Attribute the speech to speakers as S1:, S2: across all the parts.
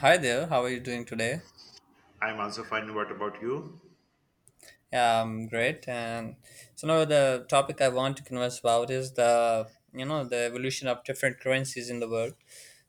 S1: Hi there, how are you doing today?
S2: I'm also fine. What about you?
S1: Yeah, I'm great. And so now the topic I want to converse about is the you know the evolution of different currencies in the world.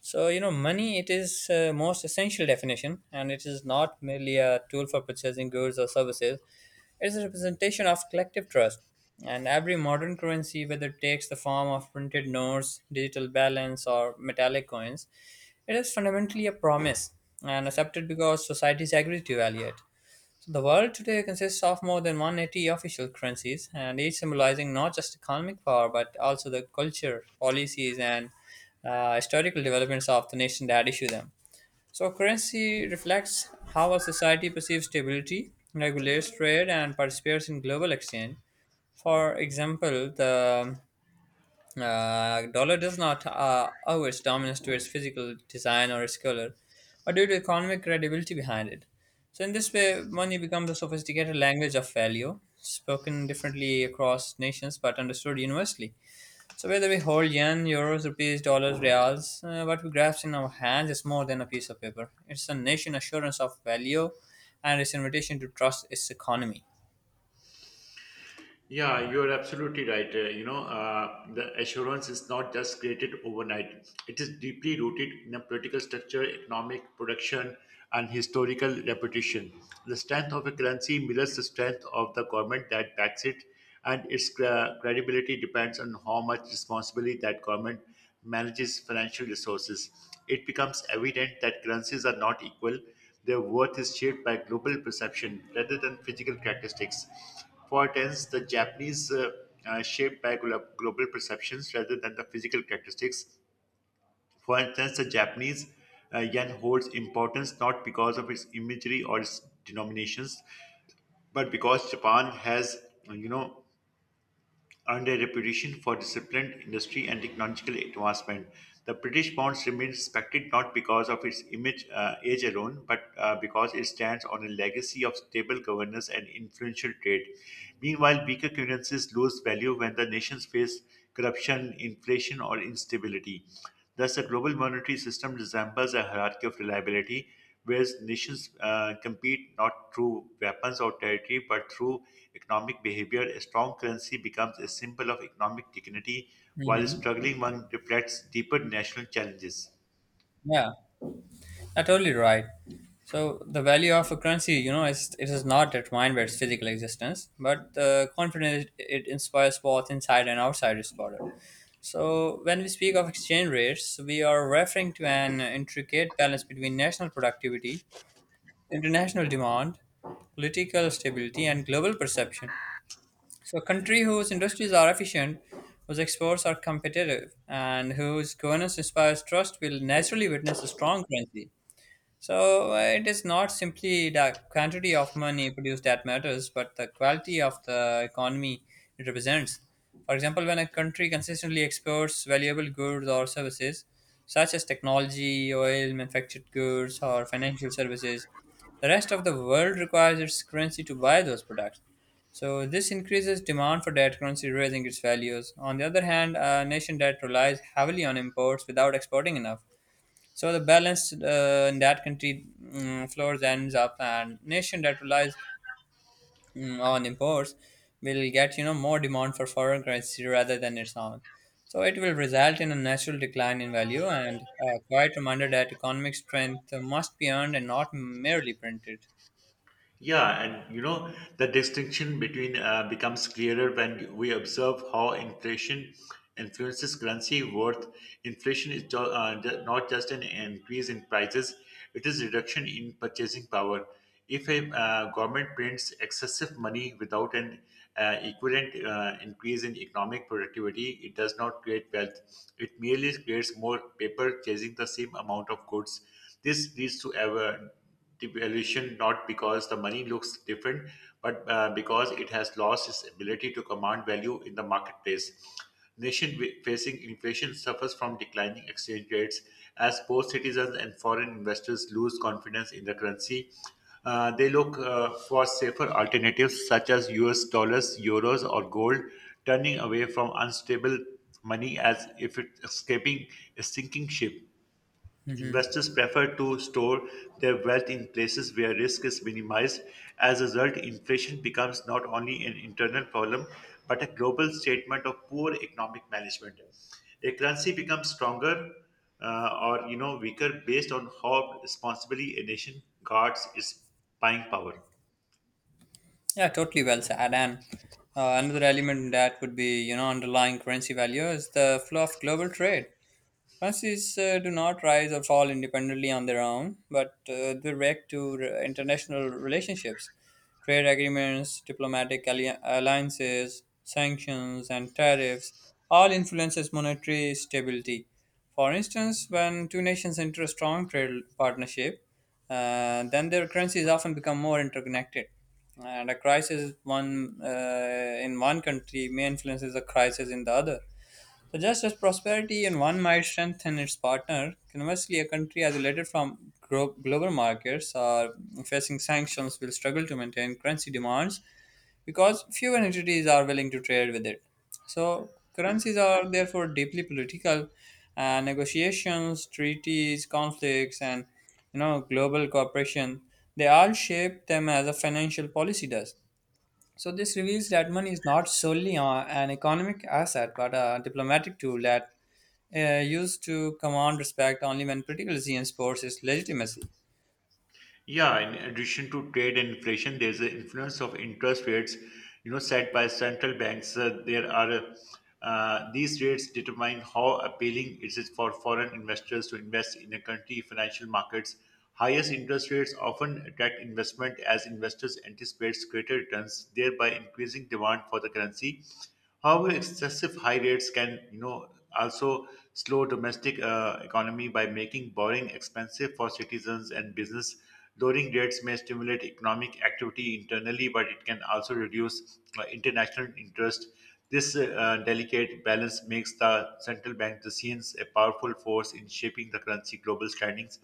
S1: So money, it is most essential definition, and it is not merely a tool for purchasing goods or services. It is a representation of collective trust. And every modern currency, whether it takes the form of printed notes, digital balance, or metallic coins, it is fundamentally a promise and accepted because societies agree to value it. So the world today consists of more than 180 official currencies, and each symbolizing not just economic power but also the culture, policies, and historical developments of the nation that issue them. So currency reflects how a society perceives stability, regulates trade, and participates in global exchange. For example, the dollar does not owe its dominance to its physical design or its color, but due to economic credibility behind it. So, in this way, money becomes a sophisticated language of value, spoken differently across nations but understood universally. So, whether we hold yen, euros, rupees, dollars, reals, what we grasp in our hands is more than a piece of paper. It's a nation assurance of value and its invitation to trust its economy.
S2: Yeah, you're absolutely right. The assurance is not just created overnight. It is deeply rooted in a political structure, economic production, and historical reputation. The strength of a currency mirrors the strength of the government that backs it, and its credibility depends on how much responsibility that government manages financial resources. It becomes evident that currencies are not equal. Their worth is shaped by global perception rather than physical characteristics. For instance, the Japanese shaped by global perceptions rather than the physical characteristics. For instance, the Japanese yen holds importance not because of its imagery or its denominations, but because Japan has, you know, earned a reputation for disciplined industry and technological advancement. The British pound remains respected not because of its image age alone, but because it stands on a legacy of stable governance and influential trade. Meanwhile, weaker currencies lose value when the nations face corruption, inflation, or instability. Thus, the global monetary system resembles a hierarchy of reliability, whereas nations compete not through weapons or territory but through economic behavior. A strong currency becomes a symbol of economic dignity, while a
S1: Hmm.
S2: struggling one reflects deeper national challenges.
S1: Yeah. You're totally right. So the value of a currency, is it is not determined by its physical existence, but the confidence it inspires both inside and outside its border. So when we speak of exchange rates, we are referring to an intricate balance between national productivity, international demand, political stability, and global perception. So a country whose industries are efficient, whose exports are competitive, and whose governance inspires trust will naturally witness a strong currency. So it is not simply the quantity of money produced that matters, but the quality of the economy it represents. For example, when a country consistently exports valuable goods or services, such as technology, oil, manufactured goods, or financial services, the rest of the world requires its currency to buy those products. So this increases demand for that currency, raising its values. On the other hand, a nation that relies heavily on imports without exporting enough, so the balance in that country floors ends up, and nation that relies on imports will get more demand for foreign currency rather than its own. So it will result in a natural decline in value, and a quiet reminder that economic strength must be earned and not merely printed.
S2: Yeah, and you know, the distinction between becomes clearer when we observe how inflation influences currency worth. Inflation is not just an increase in prices, it is reduction in purchasing power. If a government prints excessive money without an equivalent increase in economic productivity, it does not create wealth. It merely creates more paper chasing the same amount of goods. This leads to ever the valuation not because the money looks different, but because it has lost its ability to command value in the marketplace. Facing inflation suffers from declining exchange rates as both citizens and foreign investors lose confidence in the currency. They look for safer alternatives such as US dollars, euros, or gold, turning away from unstable money as if it's escaping a sinking ship.
S1: Hmm.
S2: Investors prefer to store their wealth in places where risk is minimized. As a result, inflation becomes not only an internal problem, but a global statement of poor economic management. A currency becomes stronger or weaker based on how responsibly a nation guards its buying power.
S1: Yeah, totally well said. And another element that would be underlying currency value is the flow of global trade. Masses do not rise or fall independently on their own, but they react to international relationships, trade agreements, diplomatic alliances, sanctions, and tariffs. All influences monetary stability. For instance, when two nations enter a strong trade partnership, then their currencies often become more interconnected. And a crisis one in one country may influences a crisis in the other. So just as prosperity in one might strengthen its partner, conversely, a country isolated from global markets or facing sanctions will struggle to maintain currency demands because fewer entities are willing to trade with it. So currencies are therefore deeply political, and negotiations, treaties, conflicts, and global cooperation, they all shape them as a financial policy does. So this reveals that money is not solely an economic asset, but a diplomatic tool that used to command respect only when critical and supports its legitimacy.
S2: Yeah, in addition to trade and inflation, there's the influence of interest rates, set by central banks. There are These rates determine how appealing it is for foreign investors to invest in a country financial markets. Highest interest rates often attract investment as investors anticipate greater returns, thereby increasing demand for the currency. However, excessive high rates can, also slow domestic economy by making borrowing expensive for citizens and business. Lowering rates may stimulate economic activity internally, but it can also reduce international interest. This delicate balance makes the central bank decisions a powerful force in shaping the currency global standings.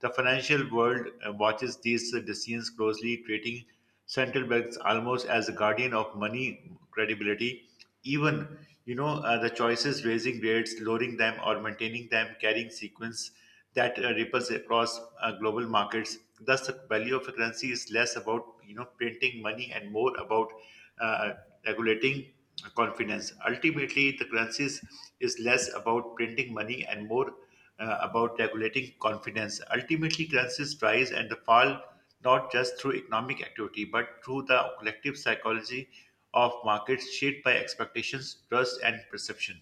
S2: The financial world watches these decisions closely, treating central banks almost as a guardian of money credibility. Even the choices raising rates, lowering them, or maintaining them carrying sequence that ripples across global markets. Thus, the value of a currency is less about printing money and more about uh, regulating confidence. Ultimately, the currencies is less about printing money and more about regulating confidence. Ultimately, currencies rise and fall not just through economic activity but through the collective psychology of markets shaped by expectations, trust, and perception.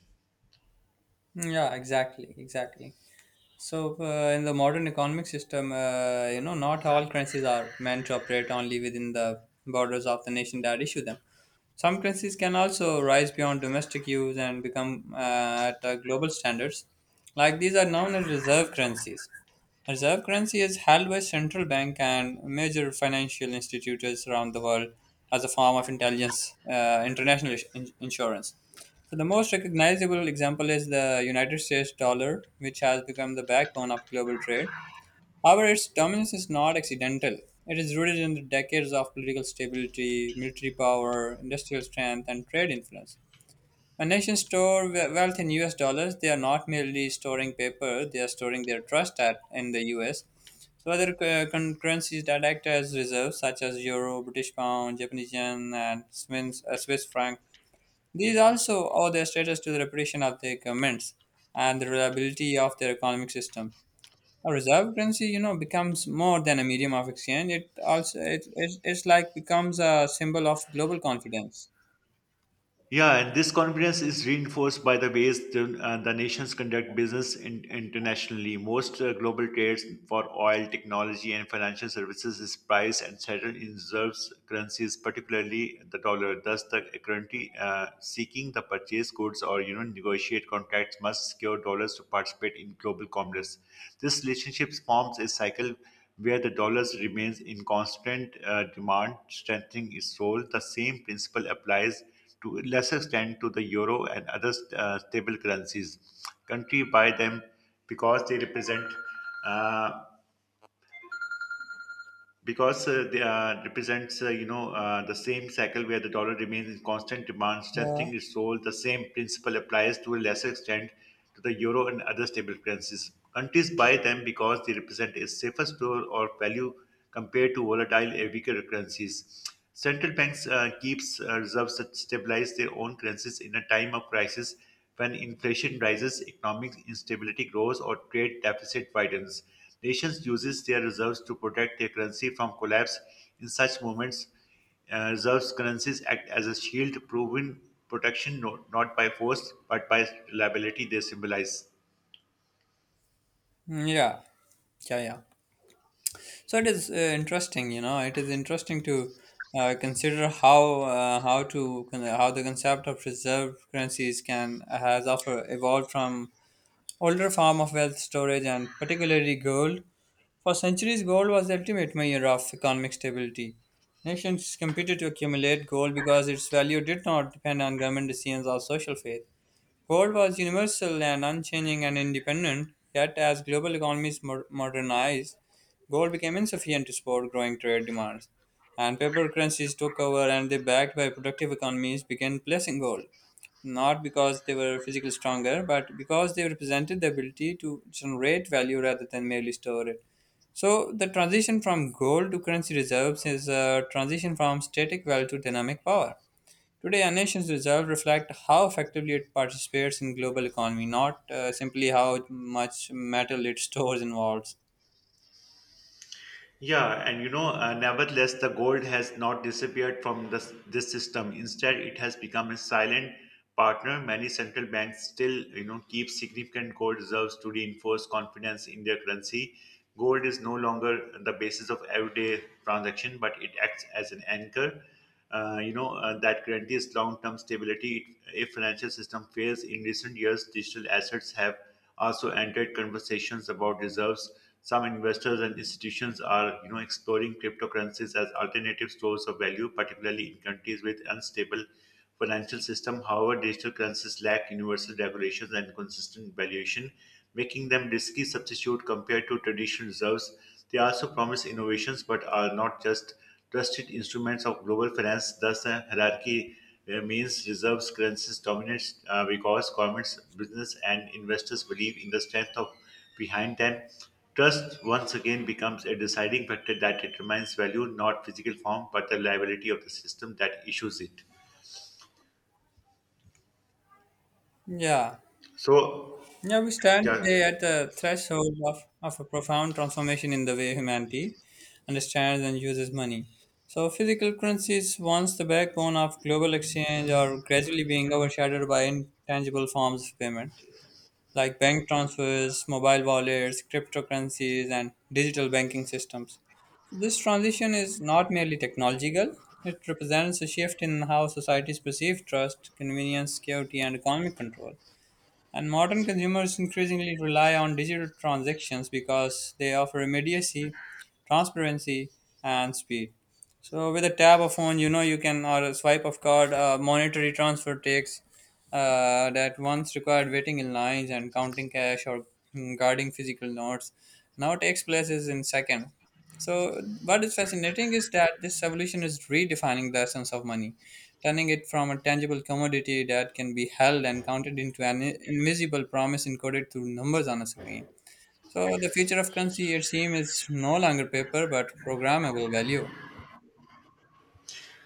S1: Yeah, exactly, exactly. So, in the modern economic system, not all currencies are meant to operate only within the borders of the nation that issue them. Some currencies can also rise beyond domestic use and become at global standards. Like, these are known as reserve currencies. A reserve currency is held by central bank and major financial institutions around the world as a form of intelligence, international insurance. So the most recognizable example is the United States dollar, which has become the backbone of global trade. However, its dominance is not accidental. It is rooted in the decades of political stability, military power, industrial strength, and trade influence. When nations store wealth in US dollars, they are not merely storing paper, they are storing their trust at, in the US. So other currencies that act as reserves, such as euro, British pound, Japanese yen, and Swiss franc, these also owe their status to the reputation of their governments and the reliability of their economic system. A reserve currency, becomes more than a medium of exchange. It also it's like becomes a symbol of global confidence.
S2: Yeah, and this confidence is reinforced by the ways the nations conduct business in, internationally. Most global trades for oil, technology, and financial services is priced and settled in reserve currencies, particularly the dollar. Thus, the currency seeking the purchase goods or negotiate contracts must secure dollars to participate in global commerce. This relationship forms a cycle where the dollar remains in constant demand, strengthening its role. The same principle applies to a lesser extent to the euro and other stable currencies. Country buy them because they represent uh, because they represents you know the same cycle where the dollar remains in constant demand,
S1: Yeah.
S2: strengthening its role. The same principle applies to a lesser extent to the euro and other stable currencies. Countries buy them because they represent a safer store or value compared to volatile and weaker currencies. Central banks keeps reserves that stabilize their own currencies in a time of crisis when inflation rises, economic instability grows, or trade deficit widens. Nations uses their reserves to protect their currency from collapse. In such moments, reserves currencies act as a shield, proving protection not by force but by reliability they symbolize.
S1: Mm. Yeah. Yeah. Yeah. So it is interesting, it is interesting to consider how the concept of reserve currencies can has offer evolved from older form of wealth storage and particularly gold. For centuries, gold was the ultimate measure of economic stability. Nations competed to accumulate gold because its value did not depend on government decisions or social faith. Gold was universal and unchanging and independent, yet, as global economies modernized, gold became insufficient to support growing trade demands. And paper currencies took over, and they, backed by productive economies, began placing gold, not because they were physically stronger, but because they represented the ability to generate value rather than merely store it. So, the transition from gold to currency reserves is a transition from static wealth to dynamic power. Today, a nation's reserves reflect how effectively it participates in global economy, not simply how much metal it stores and vaults.
S2: Nevertheless, the gold has not disappeared from this system. Instead, it has become a silent partner. Many central banks still, keep significant gold reserves to reinforce confidence in their currency. Gold is no longer the basis of everyday transaction, but it acts as an anchor that guarantees long-term stability if financial system fails in recent years digital assets have also entered conversations about reserves some investors and institutions are exploring cryptocurrencies as alternative stores of value particularly in countries with unstable financial system. However, digital currencies lack universal regulations and consistent valuation, making them risky substitute compared to traditional reserves. They also promise innovations but are not just trusted instruments of global finance. Thus, the hierarchy remains reserves currencies dominate because governments, business, and investors believe in the strength of behind them. Trust once again becomes a deciding factor that determines value, not physical form, but the liability of the system that issues it.
S1: Yeah.
S2: So,
S1: Yeah, we stand
S2: yeah,
S1: today at the threshold of a profound transformation in the way humanity understands and uses money. So, physical currencies, once the backbone of global exchange, are gradually being overshadowed by intangible forms of payment, like bank transfers, mobile wallets, cryptocurrencies, and digital banking systems. So this transition is not merely technological, it represents a shift in how societies perceive trust, convenience, security, and economic control. And modern consumers increasingly rely on digital transactions because they offer immediacy, transparency, and speed. So with a tap of phone, you can or a swipe of card. Monetary transfer takes that once required waiting in lines and counting cash or guarding physical notes. Now takes places in seconds. So what is fascinating is that this evolution is redefining the essence of money, turning it from a tangible commodity that can be held and counted into an invisible promise encoded through numbers on a screen. So the future of currency, it seems, is no longer paper but programmable value.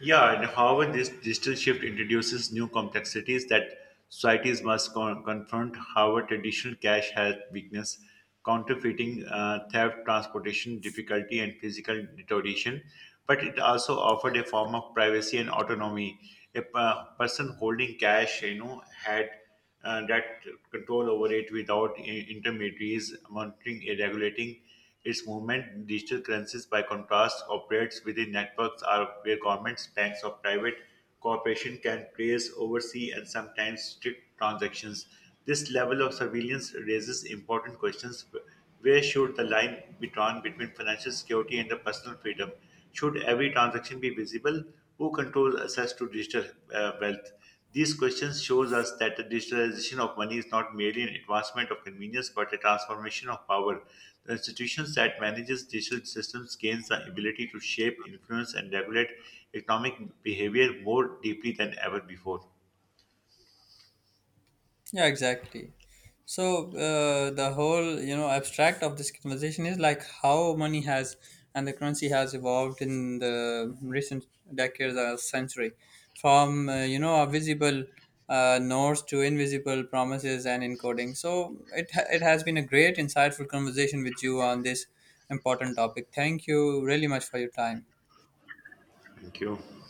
S2: yeah, and however, this digital shift introduces new complexities that societies must confront. However, traditional cash has weakness, counterfeiting, theft, transportation difficulty, and physical deterioration. But it also offered a form of privacy and autonomy. A person holding cash, had that control over it without intermediaries monitoring and regulating its movement. Digital currencies, by contrast, operates within networks are where governments, banks, or private corporations can trace, oversee, and sometimes strict transactions. This level of surveillance raises important questions: where should the line be drawn between financial security and the personal freedom? Should every transaction be visible? Who controls access to digital wealth? These questions shows us that the digitalization of money is not merely an advancement of convenience but a transformation of power. The institutions that manages digital systems gains the ability to shape, influence and regulate economic behavior more deeply than ever before.
S1: Yeah, exactly. So the whole abstract of this conversation is like how money has and the currency has evolved in the recent decades or century, from a visible notes to invisible promises and encoding. So it has been a great insightful conversation with you on this important topic. Thank you really much for your time.
S2: Thank you.